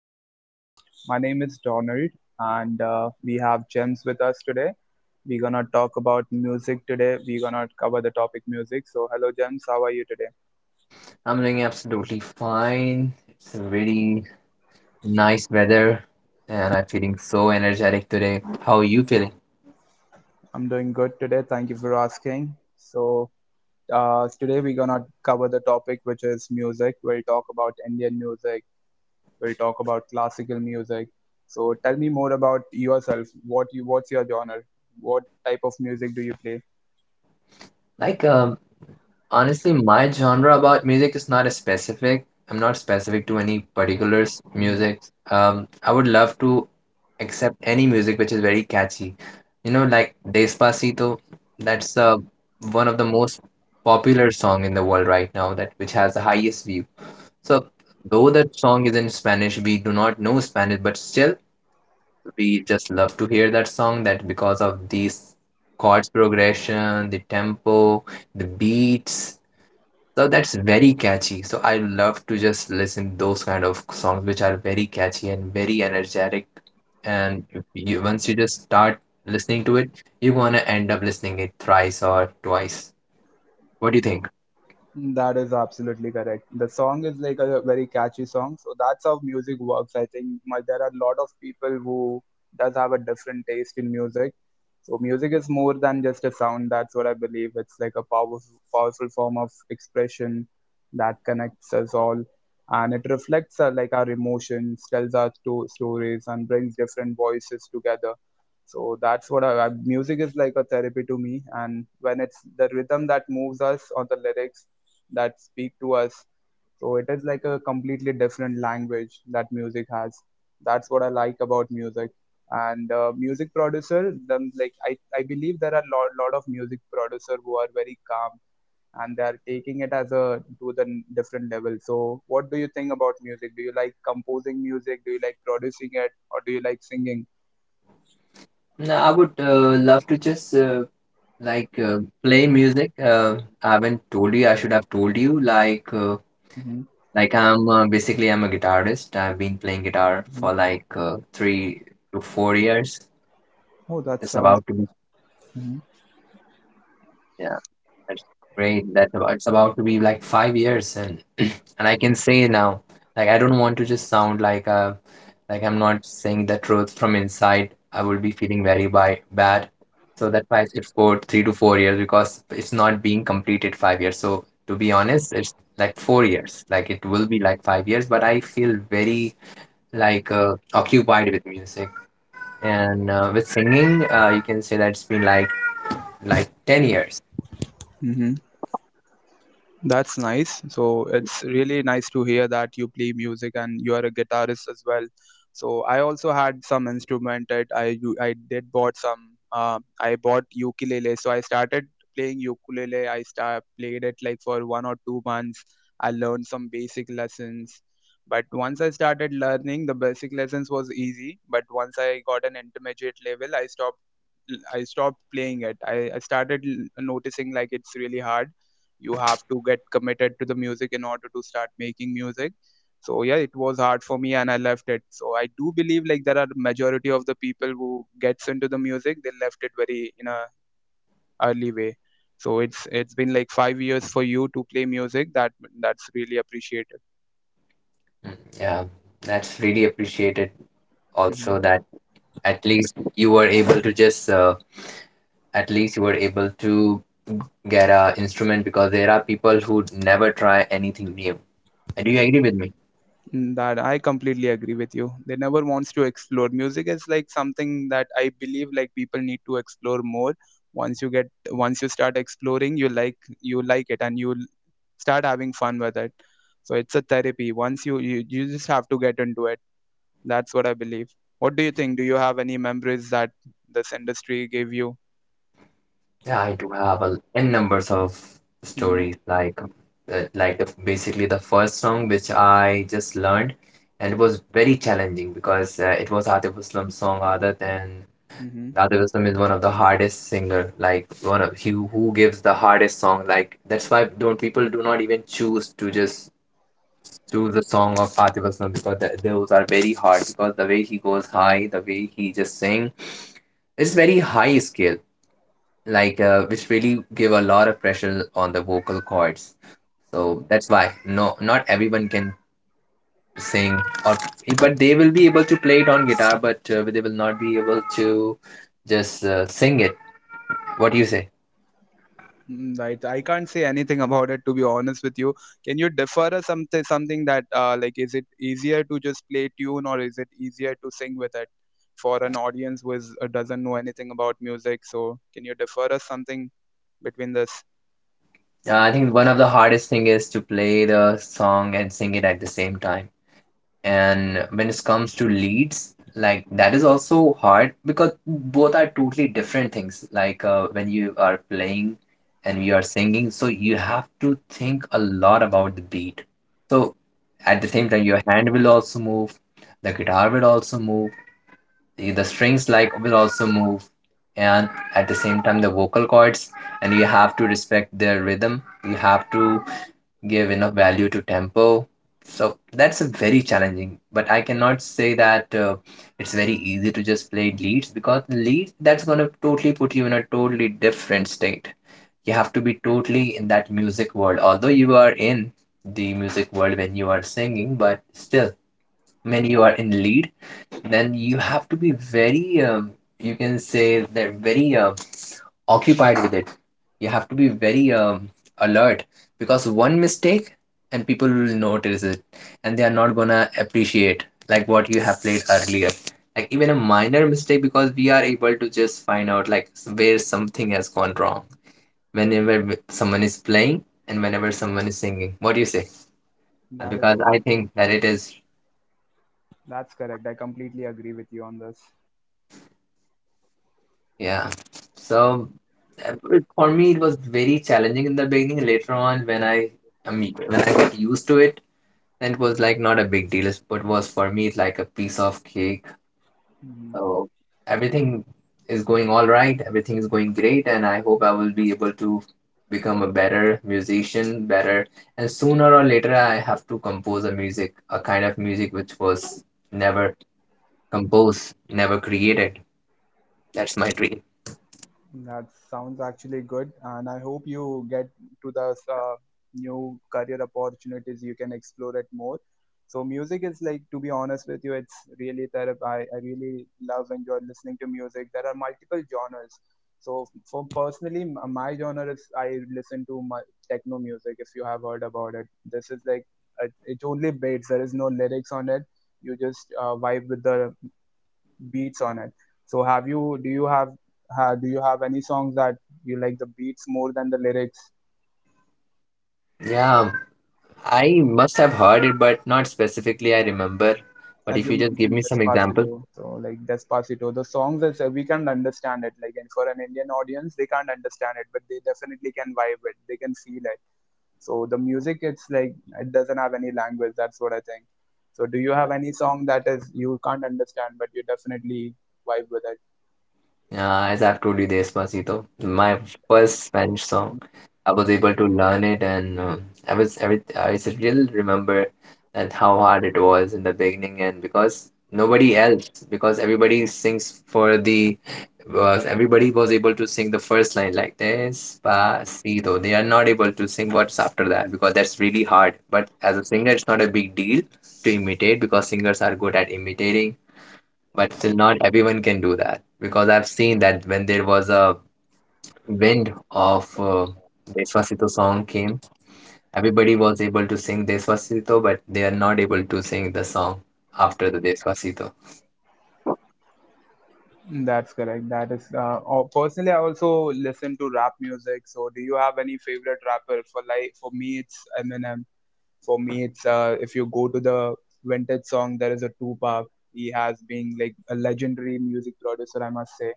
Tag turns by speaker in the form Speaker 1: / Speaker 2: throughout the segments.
Speaker 1: our podcast. My name is Donald, and we have James with us today. We're gonna talk about music today. We're gonna cover the topic music. So, hello, James, how are you today?
Speaker 2: I'm doing absolutely fine. It's really nice weather, and I'm feeling so energetic today. How are you feeling?
Speaker 1: I'm doing good today. Thank you for asking. So, today we're gonna cover the topic which is music. We'll talk about Indian music. We'll talk about classical music. So, tell me more about yourself. What you? What's your genre? What type of music do you play?
Speaker 2: Like, um, honestly, my genre about music is not a specific. I'm not specific to any particular
Speaker 1: Mm-hmm.
Speaker 2: music. I would love to accept any music which is very catchy. You know, like Despacito, that's one of the most popular song in the world right now that which has the highest view. So, though that song is in Spanish, we do not know Spanish, but still, we just love to hear that song. That because of these chords progression, the tempo, the beats, so that's very catchy. So I love to just listen those kind of songs which are very catchy and very energetic. And if you, once you just start listening to it, you're gonna end up listening it thrice or twice. What do you think?
Speaker 1: That is absolutely correct. The song is like a very catchy song, so that's how music works. I think there are a lot of people who does have a different taste in music. So music is more than just a sound. That's what I believe. It's like a powerful, powerful form of expression that connects us all, and it reflects like our emotions, tells our stories, and brings different voices together. So that's what music is like a therapy to me. And when it's the rhythm that moves us or the lyrics that speak to us. So it is like a completely different language that music has. That's what I like about music. And music producer, them like I believe there are a lot of music producer who are very calm, and they are taking it as a to the n- different level. So what do you think about music? Do you like composing music? Do you like producing it, or do you like singing?
Speaker 2: No, I would love to just like uh, play music. I haven't told you, I should have told you
Speaker 1: Hmm.
Speaker 2: like I'm basically I'm a guitarist. I've been playing guitar for
Speaker 1: Hmm.
Speaker 2: like 3 to 4 years.
Speaker 1: Oh, that
Speaker 2: It's
Speaker 1: sounds.
Speaker 2: about to be, yeah, that's great. That it's about to be like 5 years, and and I can say now, like I don't want to just sound like like I'm not saying the truth from inside. I would be feeling very by bad. So that's why I said four, 3 to 4 years because it's not being completed 5 years. So to be honest, it's like 4 years. Like it will be like 5 years, but I feel very occupied with music and with singing. You can say that it's been like 10 years.
Speaker 1: Hmm. That's nice. So it's really nice to hear that you play music and you are a guitarist as well. So I also had some instrument. That I I did bought some. I bought ukulele. So I started playing ukulele. I start played it like for 1 or 2 months. I learned some basic lessons. But once I started learning, the basic lessons was easy. But once I got an intermediate level, I stopped. I stopped playing it. I started noticing like it's really hard. You have to get committed to the music in order to start making music. So yeah, it was hard for me, and I left it. So I do believe like there are majority of the people who gets into the music, they left it very in a early way. So it's been like 5 years for you to play music. That's really appreciated.
Speaker 2: Mm, yeah, that's really appreciated
Speaker 1: Mhm.
Speaker 2: also that at least you were able to just at least you were able to g- get a instrument because there are people who never try anything new. Do you agree with me?
Speaker 1: Mm, that I completely agree with you. They never wants to explore. Music is like something that I believe like people need to explore more. once you get Once you start exploring, you like it, and you start having fun with it. So it's a therapy. Once you just have to get into it. That's what I believe. What do you think? Do you have any memories that this industry gave you?
Speaker 2: Yeah, I do have a n numbers of
Speaker 1: Mm-hmm.
Speaker 2: stories like basically the first song which I just learned, and it was very challenging because it was Atif Aslam's song Aadat. And Dada Wisdom is one of the hardest singer, like one of he who gives the hardest song. Like that's why don't people do not even choose to just choose the song of Atif Aslam because th those are very hard because the way he goes high, the way he just sing, it's very high scale, which really give a lot of pressure on the vocal cords. So that's why no, not everyone can sing, or but they will be able to play it on guitar, but they will not be able to just sing it. What do you say?
Speaker 1: Right, I can't say anything about it to be honest with you. Can you defer us something that like is it easier to just play tune, or is it easier to sing with it for an audience who doesn't know anything about music? So can you defer us something between this?
Speaker 2: I think one of the hardest thing is to play the song and sing it at the same time. And when
Speaker 1: Mhm.
Speaker 2: it comes to leads, like that is also hard because both are totally different things. Like when you are playing and you are singing, so you have to think a lot about the beat. So at the same time, your hand will also move, the guitar will also move, the strings like will also move, and at the same time the vocal cords, and you have to respect their rhythm. You have to give enough value to tempo. So that's a very challenging, but I cannot say that it's very easy to just play leads because leads that's gonna totally put you in a totally different state. You have to be totally in that music world. Although you are in the music world when you are singing, but still, when you are in lead, then you have to be very you can say that very occupied with it. You have to be very alert because one mistake and people will notice it, and they are not gonna appreciate like what you have played earlier, like even a minor mistake because we are able to just find out like where something has gone wrong whenever someone is playing and whenever someone is singing. What do you say?
Speaker 1: That is.
Speaker 2: Because I think that it is.
Speaker 1: That's correct. I completely agree with you on this.
Speaker 2: Yeah. So for me, it was very challenging in the beginning. Later on, when I mean, when I got used to it, then it was like not a big deal. It was, for me, it's like a piece of cake.
Speaker 1: Mhm.
Speaker 2: So everything is going all right. Everything is going great, and I hope I will be able to become a better musician, better. And sooner or later, I have to compose a music, a kind of music which was never composed, never created. That's my dream.
Speaker 1: That sounds actually good, and I hope you get to the uh, new career opportunities. You can explore it more. So, music is like, to be honest with you, it's really therapy. I really love and enjoy listening to music. There are multiple genres. So, for personally, my genre is I listen to my techno music. If you have heard about it, this is like it only beats. There is no lyrics on it. You just vibe with the beats on it. So have you do you have ha, do you have any songs that you like the beats more than the lyrics?
Speaker 2: Yeah. I must have heard it, but not specifically I remember. But
Speaker 1: As
Speaker 2: if
Speaker 1: you
Speaker 2: you just give
Speaker 1: mentioned,
Speaker 2: me some examples.
Speaker 1: Despacito. So like Despacito, the songs is we can understand it. Like and for an Indian audience, they can't understand it, but they definitely can vibe it. They can feel it. So the music, it's like it doesn't have any language. That's what I think. So do you have any song that is you can't understand, but you definitely vibe with it?
Speaker 2: Yeah, as I've told you, Despacito, my first Spanish song. I was able to learn it, and I was every I still remember that how hard it was in the beginning, and because nobody else, because everybody sings for was everybody was able to sing the first line like Despacito. They are not able to sing what's after that because that's really hard. But as a singer, it's not a big deal to imitate because singers are good at imitating, but still, not everyone can do that because I've seen that when there was a wind of Despacito song came, everybody was able to sing Despacito, but they are not able to sing the song after the Despacito.
Speaker 1: That's correct. Personally, I also listen to rap music. So do you have any favorite rapper? For me it's Eminem. For me it's If you go to the vintage song, there is a Tupac. He has been like a legendary music producer I must say.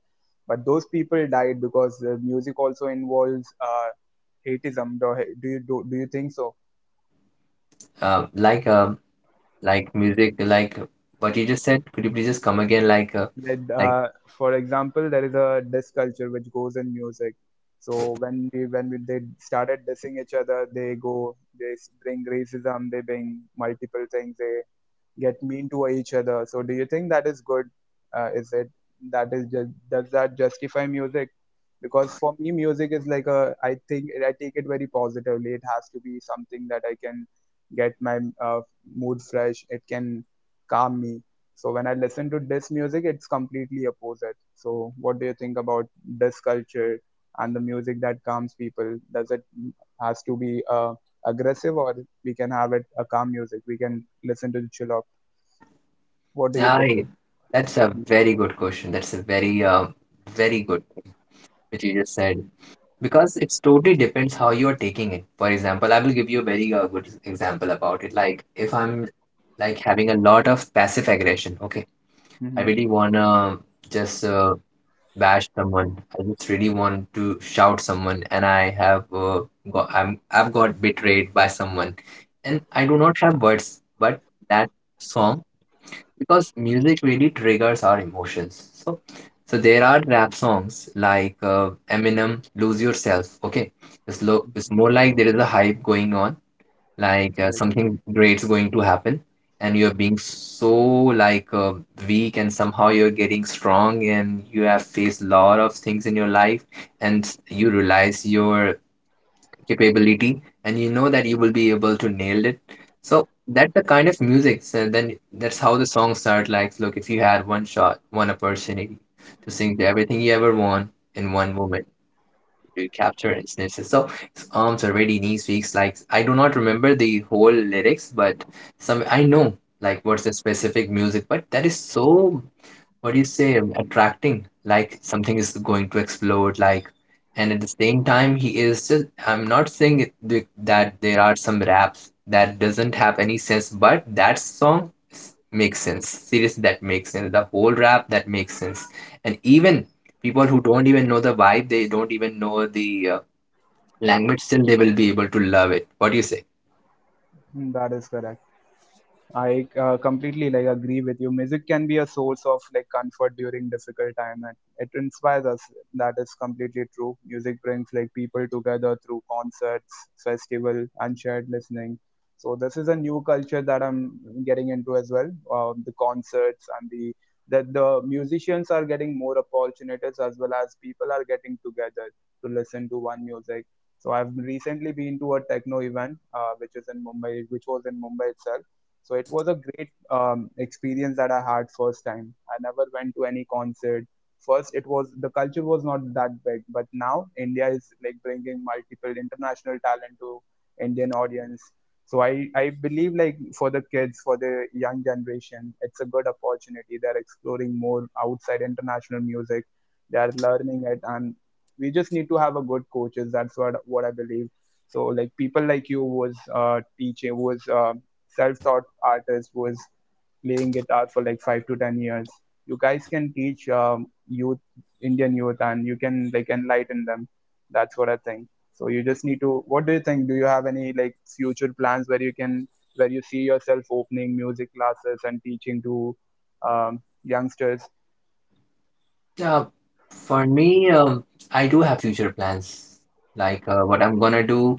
Speaker 1: But those people died because the music also involves hateism. Do you think so?
Speaker 2: Um, like um, like music, like what you just said. Could you please just come again?
Speaker 1: Like,
Speaker 2: Like
Speaker 1: for example, there is a diss culture which goes in music. So when they started dissing each other, they go, bring racism, they bring multiple things. They get mean to each other. So do you think that is good? Is it that is just Does that justify music? Because for me, music is like a I think I take it very positively. It has to be something that I can get my mood fresh. It can calm me. So when I listen to this music, it's completely opposite. So what do you think about this culture and the music that calms people? Does it has to be aggressive, or we can have it a calm music? We can listen to the chill out. What do you prefer?
Speaker 2: I. That's a
Speaker 1: Mm-hmm.
Speaker 2: very good question. That's a very very good thing which you just said. Because it's totally depends how you are taking it. For example, I will give you a very good example about it. Like if I'm like having a lot of passive aggression, okay, I
Speaker 1: Mm-hmm.
Speaker 2: really wanna just bash someone. I just really want to shout someone, and I have got I've got betrayed by someone, and I do not have words, but that song, because music really triggers our emotions. So, so there are rap songs like Eminem, "Lose Yourself." Okay, it's more like there is a hype going on, like
Speaker 1: Right.
Speaker 2: something great's going to happen, and you're being so like weak, and somehow you're getting strong, and you have faced a lot of things in your life, and you realize your capability and you know that you will be able to nail it. So that's the kind of music. So then that's how the song start, like, look, if you had one shot, one opportunity to sing to everything you ever want in one moment, you capture and snips it. So his arms already knees weeks, like I do not remember the whole lyrics, but some I know like what's the specific music, but that is so, what do you say, attracting, like something is going to explode, like, and at the same time, he is just, I'm not saying that there are some raps that doesn't have any sense, but that song makes sense. Seriously, that makes sense. The whole rap, that makes sense. And even people who don't even know the vibe, they don't even know the uh, language, still they will be able to love it. What do you say?
Speaker 1: Mm, that is correct. I completely like agree with you. Music can be a source of like comfort during difficult time, and it inspires us. That is completely true. Music brings like people together through concerts, festival, and shared listening. So this is a new culture that I'm getting into as well. The concerts and the that the musicians are getting more opportunities as well as people are getting together to listen to one music. So I've recently been to a techno event, which was in Mumbai itself, so it was a great experience that I had first time. I never went to any concert. First, it was the culture was not that big, but now India is like bringing multiple international talent to Indian audience. So I believe like for the kids, for the young generation, it's a good opportunity. They're exploring more outside international music. They are learning it, and we just need to have a good coaches. That's what I believe. So like people like you was teaching was self-taught artist who is playing guitar for like 5 to 10 years. You guys can teach youth, Indian youth, and you can like enlighten them. That's what I think. So you just need to. What do you think? Do you have any like future plans where you see yourself opening music classes and teaching to youngsters?
Speaker 2: Yeah, for me, I do have future plans. Like what I'm gonna
Speaker 1: Mm.
Speaker 2: do.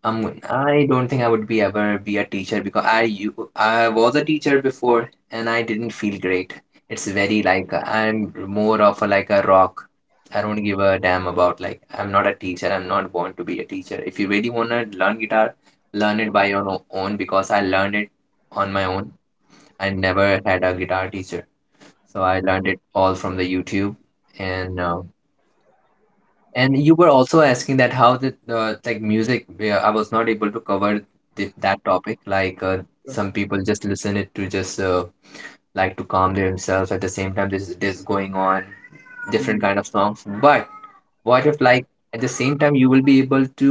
Speaker 2: I don't think I would be ever be a teacher because I was a teacher before and I didn't feel great. It's very like I'm more of a, like a rock. I don't give a damn about like I'm not a teacher. I'm not born to be a teacher. If you really wanna learn guitar, learn it by your own because I learned it on my own. I never had a guitar teacher, so I learned it all from the YouTube and uh, and you were also asking that how the like music, yeah, I was not able to cover that topic. Like some people just listen it to just like to calm themselves. At the same time, this going on different
Speaker 1: Hmm.
Speaker 2: kind of songs. But what if like at the same time you will be able to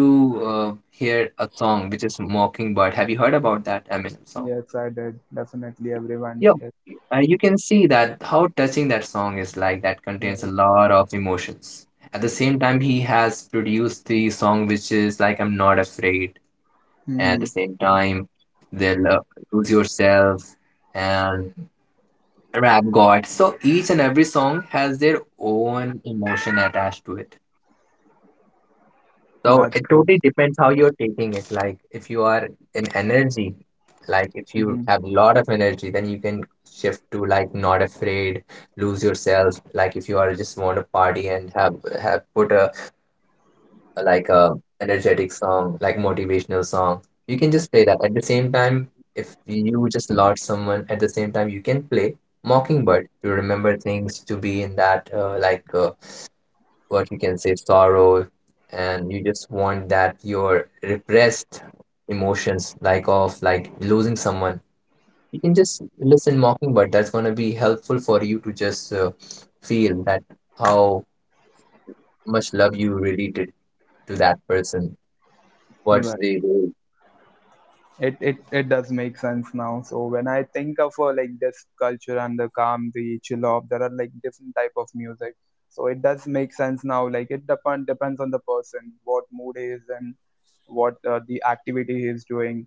Speaker 2: hear a song which is Mockingbird? Have you heard about that Eminem song?
Speaker 1: Yes, I did. Definitely, everyone.
Speaker 2: Yo,
Speaker 1: Yes,
Speaker 2: you can see that how touching that song is, like that contains a
Speaker 1: right.
Speaker 2: lot of emotions. At the same time, he has produced the song which is like I'm Not Afraid. And at the
Speaker 1: Hmm.
Speaker 2: same time, they love Lose Yourself and Rap God. So each and every song has their own emotion attached to it. So
Speaker 1: That's
Speaker 2: it
Speaker 1: true.
Speaker 2: totally depends how you're taking it. Like if you are in energy, like if you
Speaker 1: Hmm.
Speaker 2: have a lot of energy, then you can shift to like not afraid, lose yourself. Like if you are just want to party and have put a like a energetic song, like motivational song, you can just play that. At the same time, if you just lost someone, at the same time you can play Mockingbird to remember things to be in that what you can say sorrow and you just want that your repressed emotions like of like losing someone you can just listen mockingbird. That's going to be helpful for you to just feel that how much love you really did to that person, what
Speaker 1: Right.
Speaker 2: they do.
Speaker 1: It does make sense now, so when I think of like this culture and the chill out, there are like different type of music. So it does make sense now, like it depends on the person what mood is and what the activity he is doing.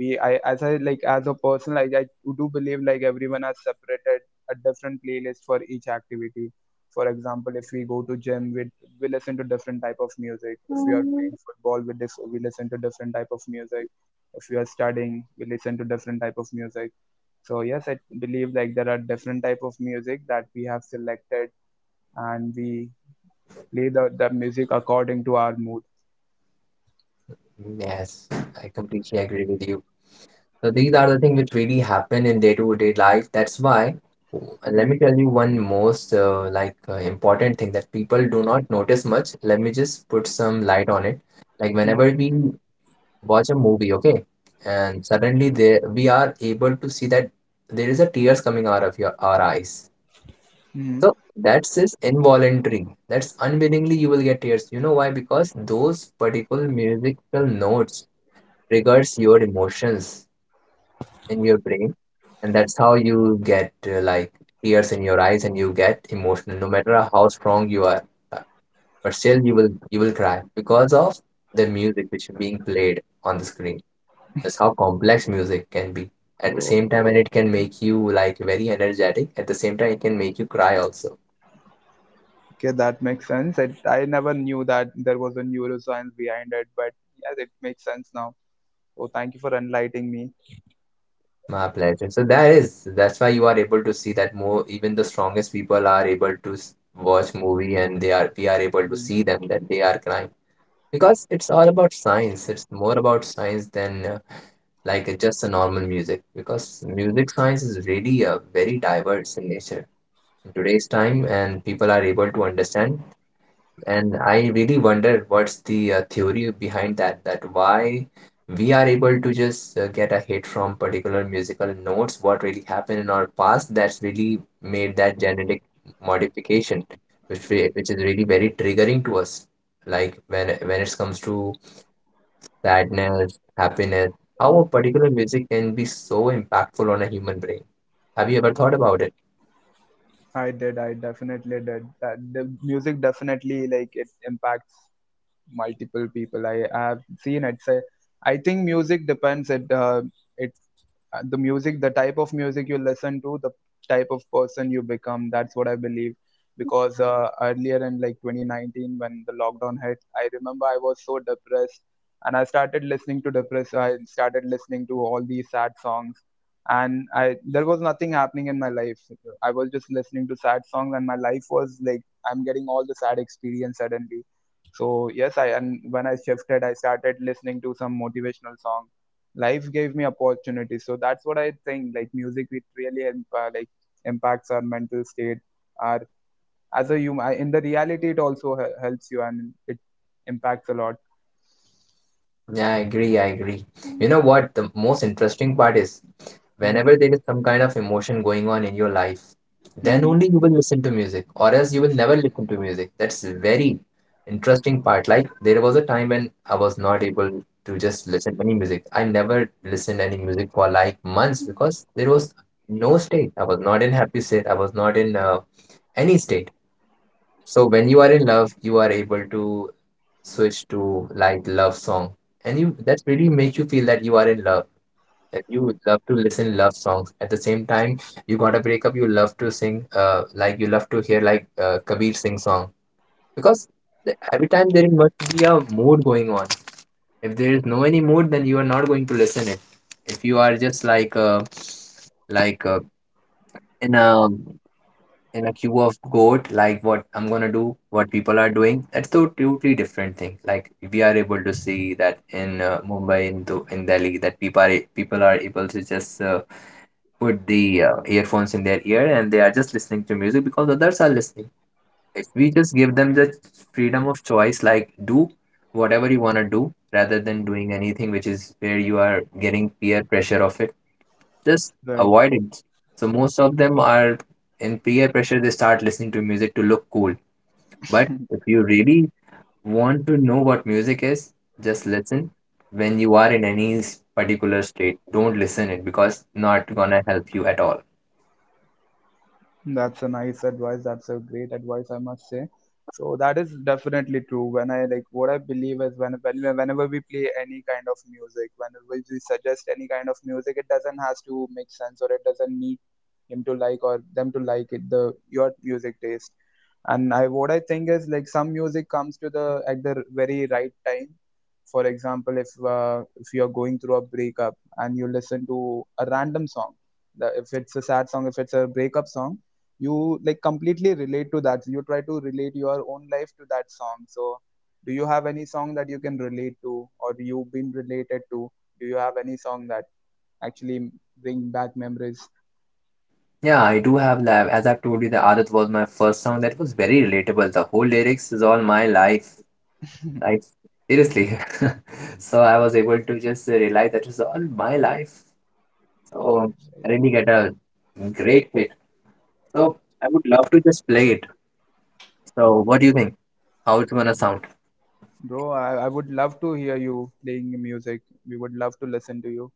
Speaker 1: We I as I like as a person like I do believe like everyone has separated a different playlist for each activity. For example, if we go to gym, we listen to different type of music. If we are playing football, we listen to different type of music. If we are studying, we listen to different type of music. So yes, I believe like there are different type of music that we have selected, and we play the music according to our mood.
Speaker 2: Yes, I completely agree with you. So these are the things which really happen in day-to-day life. That's why, let
Speaker 1: Hmm.
Speaker 2: me tell you one most important thing that people do not notice much. Let me just put some light on it. Like whenever
Speaker 1: Hmm.
Speaker 2: we watch a movie, okay, and suddenly there we are able to see that there is a tears coming out of your our eyes.
Speaker 1: Hmm.
Speaker 2: So that's just involuntary. That's unwillingly you will get tears. You know why? Because those particular musical notes triggers your emotions in your brain, and that's how you get like tears in your eyes, and you get emotional no matter how strong you are, uh, but still you will cry because of the music which is being played on the screen. That's how complex music can be at the same time, and it can make you like very energetic. At the same time, it can make you cry also.
Speaker 1: Okay, that makes sense. I never knew that there was a neuroscience behind it, but yeah, it makes sense now. So thank you for enlightening me.
Speaker 2: My pleasure. So that is that's why you are able to see that more even the strongest people are able to watch movie and they are we are able to
Speaker 1: Mm,
Speaker 2: see them that they are crying because it's all about science. It's more about science than just a normal music because music science is really very diverse in nature in today's time, and people are able to understand. And I really wonder what's the theory behind that, that why we are able to just get a hit from particular musical notes. What really happened in our past that's really made that genetic modification which which is really very triggering to us, like when it comes to sadness, happiness, how a particular music can be so impactful on a human brain. Have you ever thought about it?
Speaker 1: I did. I definitely did. That the music definitely like it impacts multiple people I have seen it say I think music depends it it the music, the type of music you listen to, the type of person you become. That's what I believe because earlier in like 2019 when the lockdown hit, I remember I was so depressed, and I started listening to depressed I started listening to all these sad songs, and I there was nothing happening in my life. I was just listening to sad songs and my life was like I'm getting all the sad experience suddenly. So yes, I and when I shifted, I started listening to some motivational song, life gave me opportunities. So that's what I think, like music, it really impacts our mental state, our as a human in the reality. It also helps you, and it impacts a lot.
Speaker 2: Yeah, I agree, I agree. You know what? The most interesting part is
Speaker 1: hmm
Speaker 2: whenever there is some kind of emotion going on in your life, then
Speaker 1: hmm
Speaker 2: only you will listen to music, or else you will never listen to music. That's very interesting part. Like there was a time when I was not able to just listen any music. I never listened any music for like months because there was no state. I was not in happy state. I was not in any state. So when you are in love, you are able to switch to like love song, and you that really makes you feel that you are in love. That you love to listen love songs. At the same time, you got a breakup, you love to sing, you love to hear like Kabir Singh song because every time there must be a mood going on. If there is no any mood, then you are not going to listen it. If you are just like like uh, in a in a queue of goat, like what I'm gonna do, what people are doing, that's a totally different thing. Like we are able to see that in Mumbai, in Delhi, that people are able to just put the earphones in their ear, and they are just listening to music because others are listening. If we just give them the freedom of choice, like do whatever you want to do rather than doing anything which is where you are getting peer pressure of it, just avoid it. So most of them are in peer pressure, they start listening to music to look cool. But if you really want to know what music is, just listen when you are in any particular state. Don't listen it because not gonna help you at all.
Speaker 1: That's a nice advice. That's a great advice, I must say. So that is definitely true. When I like what I believe is when whenever we play any kind of music, whenever we suggest any kind of music, it doesn't has to make sense, or it doesn't need him to like, or them to like it, the your music taste. And I what I think is like some music comes to the at the very right time. For example, if you're going through a breakup and you listen to a random song, if it's a sad song, if it's a breakup song, you like completely relate to that. You try to relate your own life to that song. So do you have any song that you can relate to, or you've been related to? Do you have any song that actually bring back memories?
Speaker 2: Yeah, I do have lab. As I've told you, the Aadat was my first song that was very relatable. The whole lyrics is all my life. Like seriously. So I was able to just realize that is all my life. um, Really get a great hit. So I would love to just play it. So what do you think? How it's gonna sound?
Speaker 1: Bro, I would love to hear you playing music. We would love to listen to you.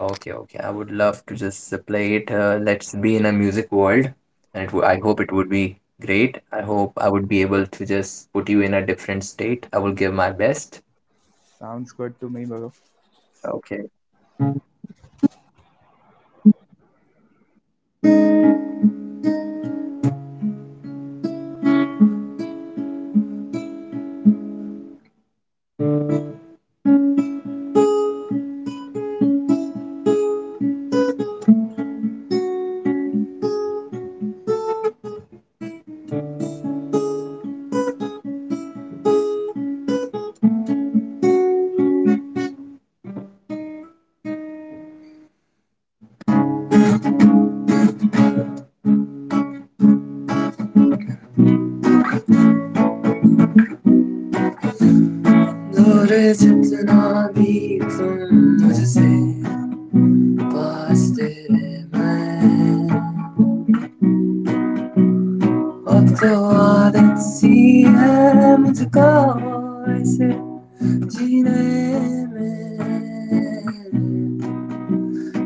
Speaker 2: Okay, okay. I would love to just play it. Let's be in a music world, and it w I hope it would be great. I hope I would be able to just put you in a different state. I will give my best.
Speaker 1: Sounds good to me, bro.
Speaker 2: Okay. Doğru çıktığına bir ton acı sen bahsedemem. Abtawad siya mukawas ng ginamit,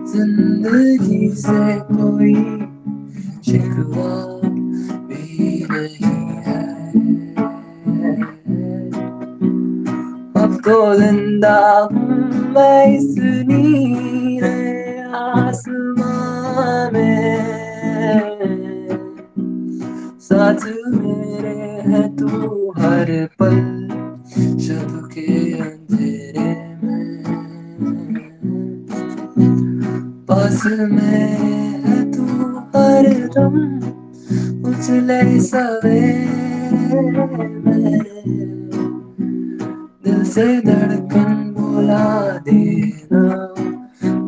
Speaker 2: sinugbisan ko'y si kwa binhi ay. گولندام میں سنی رے آسماں میں ساتھ میرے ہے تو ہر پل شب کے اندھیرے میں پاس میں ہے تو ہر دم مجھ لیس میرے دل سے دھڑکن بھلا دینا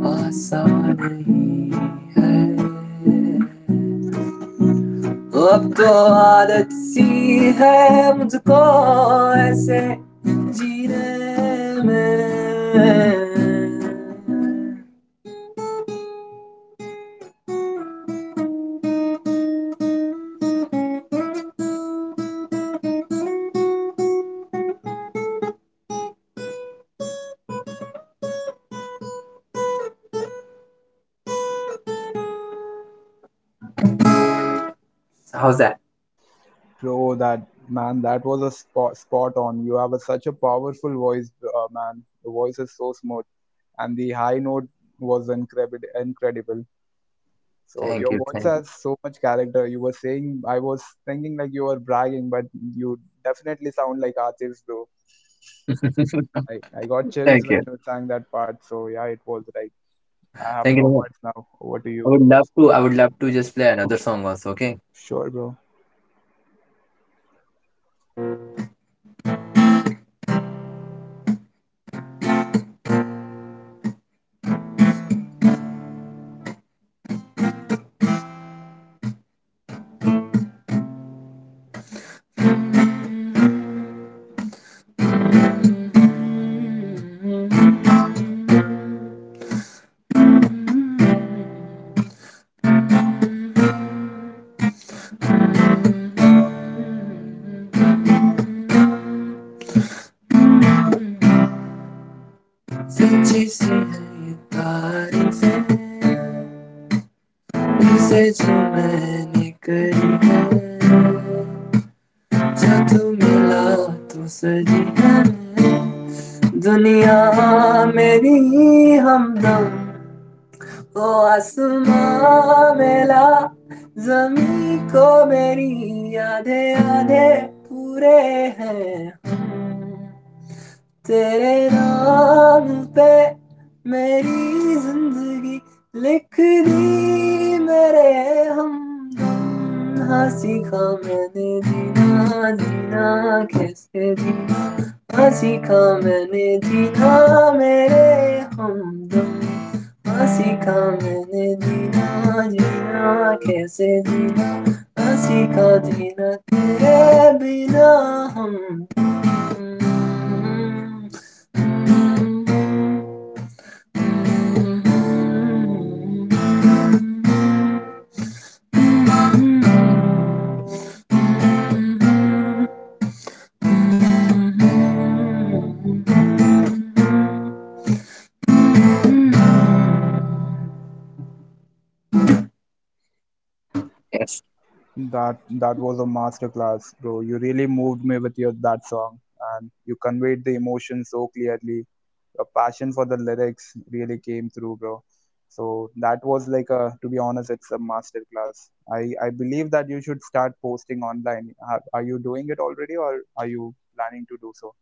Speaker 2: آسان نہیں ہے اب تو عادت سی ہے مجھ کو ایسے جینے میں. How's that?
Speaker 1: Bro, that, man, that was a spot on. You have a, such a powerful voice. Man, the voice is so smooth, and the high note was incredible. So
Speaker 2: Thank
Speaker 1: your
Speaker 2: you,
Speaker 1: voice
Speaker 2: thank you.
Speaker 1: has so much character. You were saying, I was thinking like you were bragging, but you definitely sound like artists, bro. I got chills
Speaker 2: Thank
Speaker 1: when
Speaker 2: you.
Speaker 1: you sang that part. So yeah, it was right. I have
Speaker 2: Thank
Speaker 1: no
Speaker 2: you.
Speaker 1: words now. Over to
Speaker 2: I
Speaker 1: you.
Speaker 2: would love to. I would love to just play another song also. Okay.
Speaker 1: Sure, bro.
Speaker 2: सच्ची सी है ये तारीफें इसे जो मैंने करी है جا تو ملا تو سجدہ میں دنیا میری ہمدم وہ آسماں میلا زمین کو میری آدھے آدھے پورے ہیں ہم۔ تیرے نام پہ میری زندگی لکھ دی میرے ہم ہاں سیکھا میں نے جینا جینا کیسے جینا ہاں سیکھا میں نے جینا میرے ہمدم نہ سیکھا میں نے جینا جینا کیسے جینا نہ سیکھا جینا تیرے بنا ہم. Yes.
Speaker 1: That was a masterclass, bro. You really moved me with your that song, and you conveyed the emotion so clearly. Your passion for the lyrics really came through, bro. So that was like a, to be honest, it's a masterclass. I believe that you should start posting online. Are you doing it already, or are you planning to do so?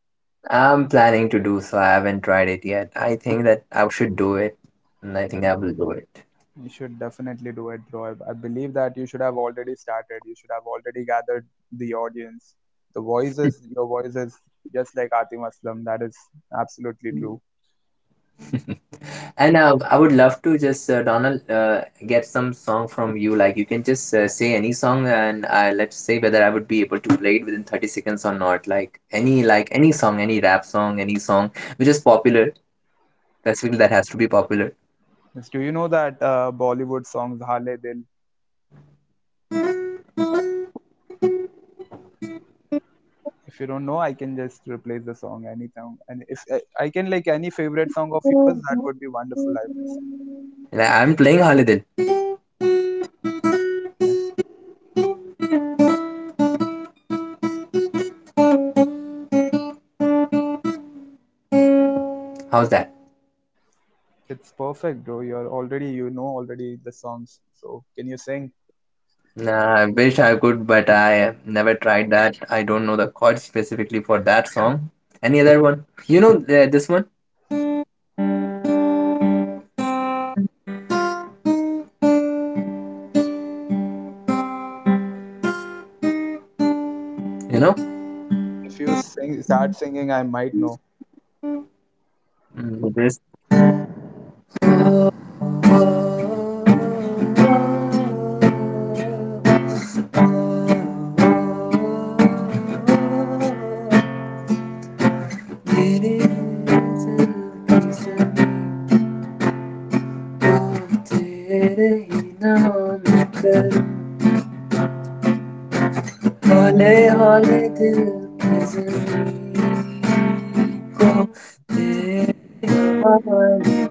Speaker 2: I'm planning to do so. I haven't tried it yet. I think that I should do it, and I think I will do it.
Speaker 1: You should definitely do it, Roy. I believe that you should have already started. You should have already gathered the audience. The voices, your voice is just like Atim Aslam. That is absolutely true.
Speaker 2: And I would love to just Donald get some song from you. Like you can just say any song, and let's say whether I would be able to play it within 30 seconds or not. Like any song, any rap song, any song which is popular. Specifically, that has to be popular.
Speaker 1: Yes, do you know that Bollywood songs Hale Dil? If you don't know, I can just replace the song any song, and if I can like any favorite song of yours, that would be wonderful. I would say,
Speaker 2: Like, I'm playing Holiday.
Speaker 1: yeah,
Speaker 2: How's that?
Speaker 1: it's perfect, bro. You're already you know already the songs. So can you sing?
Speaker 2: Nah, I wish I could, but I never tried that. I don't know the chord specifically for that song. Any other one? You know this one? You know?
Speaker 1: If you sing, start singing, I might know.
Speaker 2: Mm, this. होले होले दिल की ज़मीं को तेरे हवाले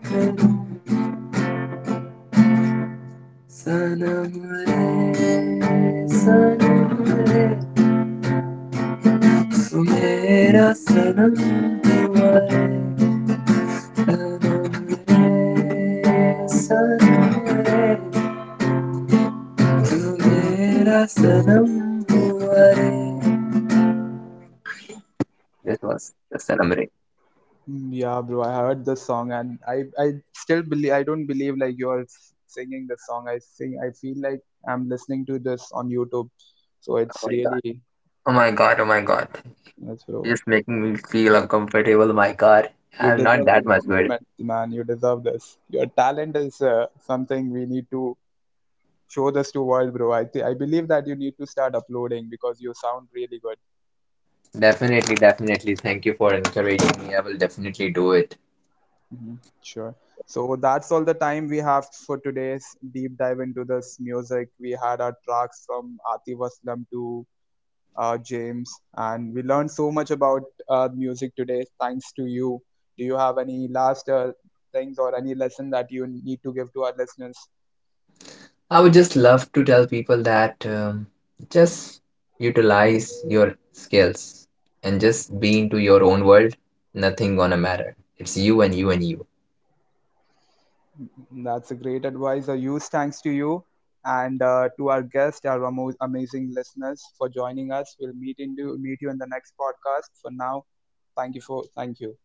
Speaker 2: सनमरे सनमरे tu mera Sanam हुआ है सनमरे सनमरे तू मेरा सनम हुआ है. That was the Sanam Re.
Speaker 1: Mm, yeah, bro, I heard the song and I still believe I don't believe like you're singing the song. I sing I feel like I'm listening to this on YouTube. So
Speaker 2: Oh
Speaker 1: it's
Speaker 2: my god.
Speaker 1: really
Speaker 2: Oh my god. Oh my god.
Speaker 1: yes,
Speaker 2: You're
Speaker 1: bro.
Speaker 2: just making me feel uncomfortable. My god.
Speaker 1: You
Speaker 2: I'm not
Speaker 1: deserve this
Speaker 2: that much good.
Speaker 1: compliment, man. You deserve this. Your talent is something we need to show this to world, bro. I believe that you need to start uploading because you sound really good.
Speaker 2: Definitely. Definitely. Thank you for encouraging me. I will definitely do it.
Speaker 1: Hmm. Sure. So that's all the time we have for today's deep dive into this music. We had our tracks from Atif Aslam to James, and we learned so much about music today, thanks to you. Do you have any last things, or any lesson that you need to give to our listeners?
Speaker 2: I would just love to tell people that just utilize your skills and just be into your own world. Nothing gonna matter. It's you and you and you.
Speaker 1: That's a great advice. A huge thanks to you and to our guest, our amazing listeners for joining us. We'll meet you in the next podcast. For now, thank you.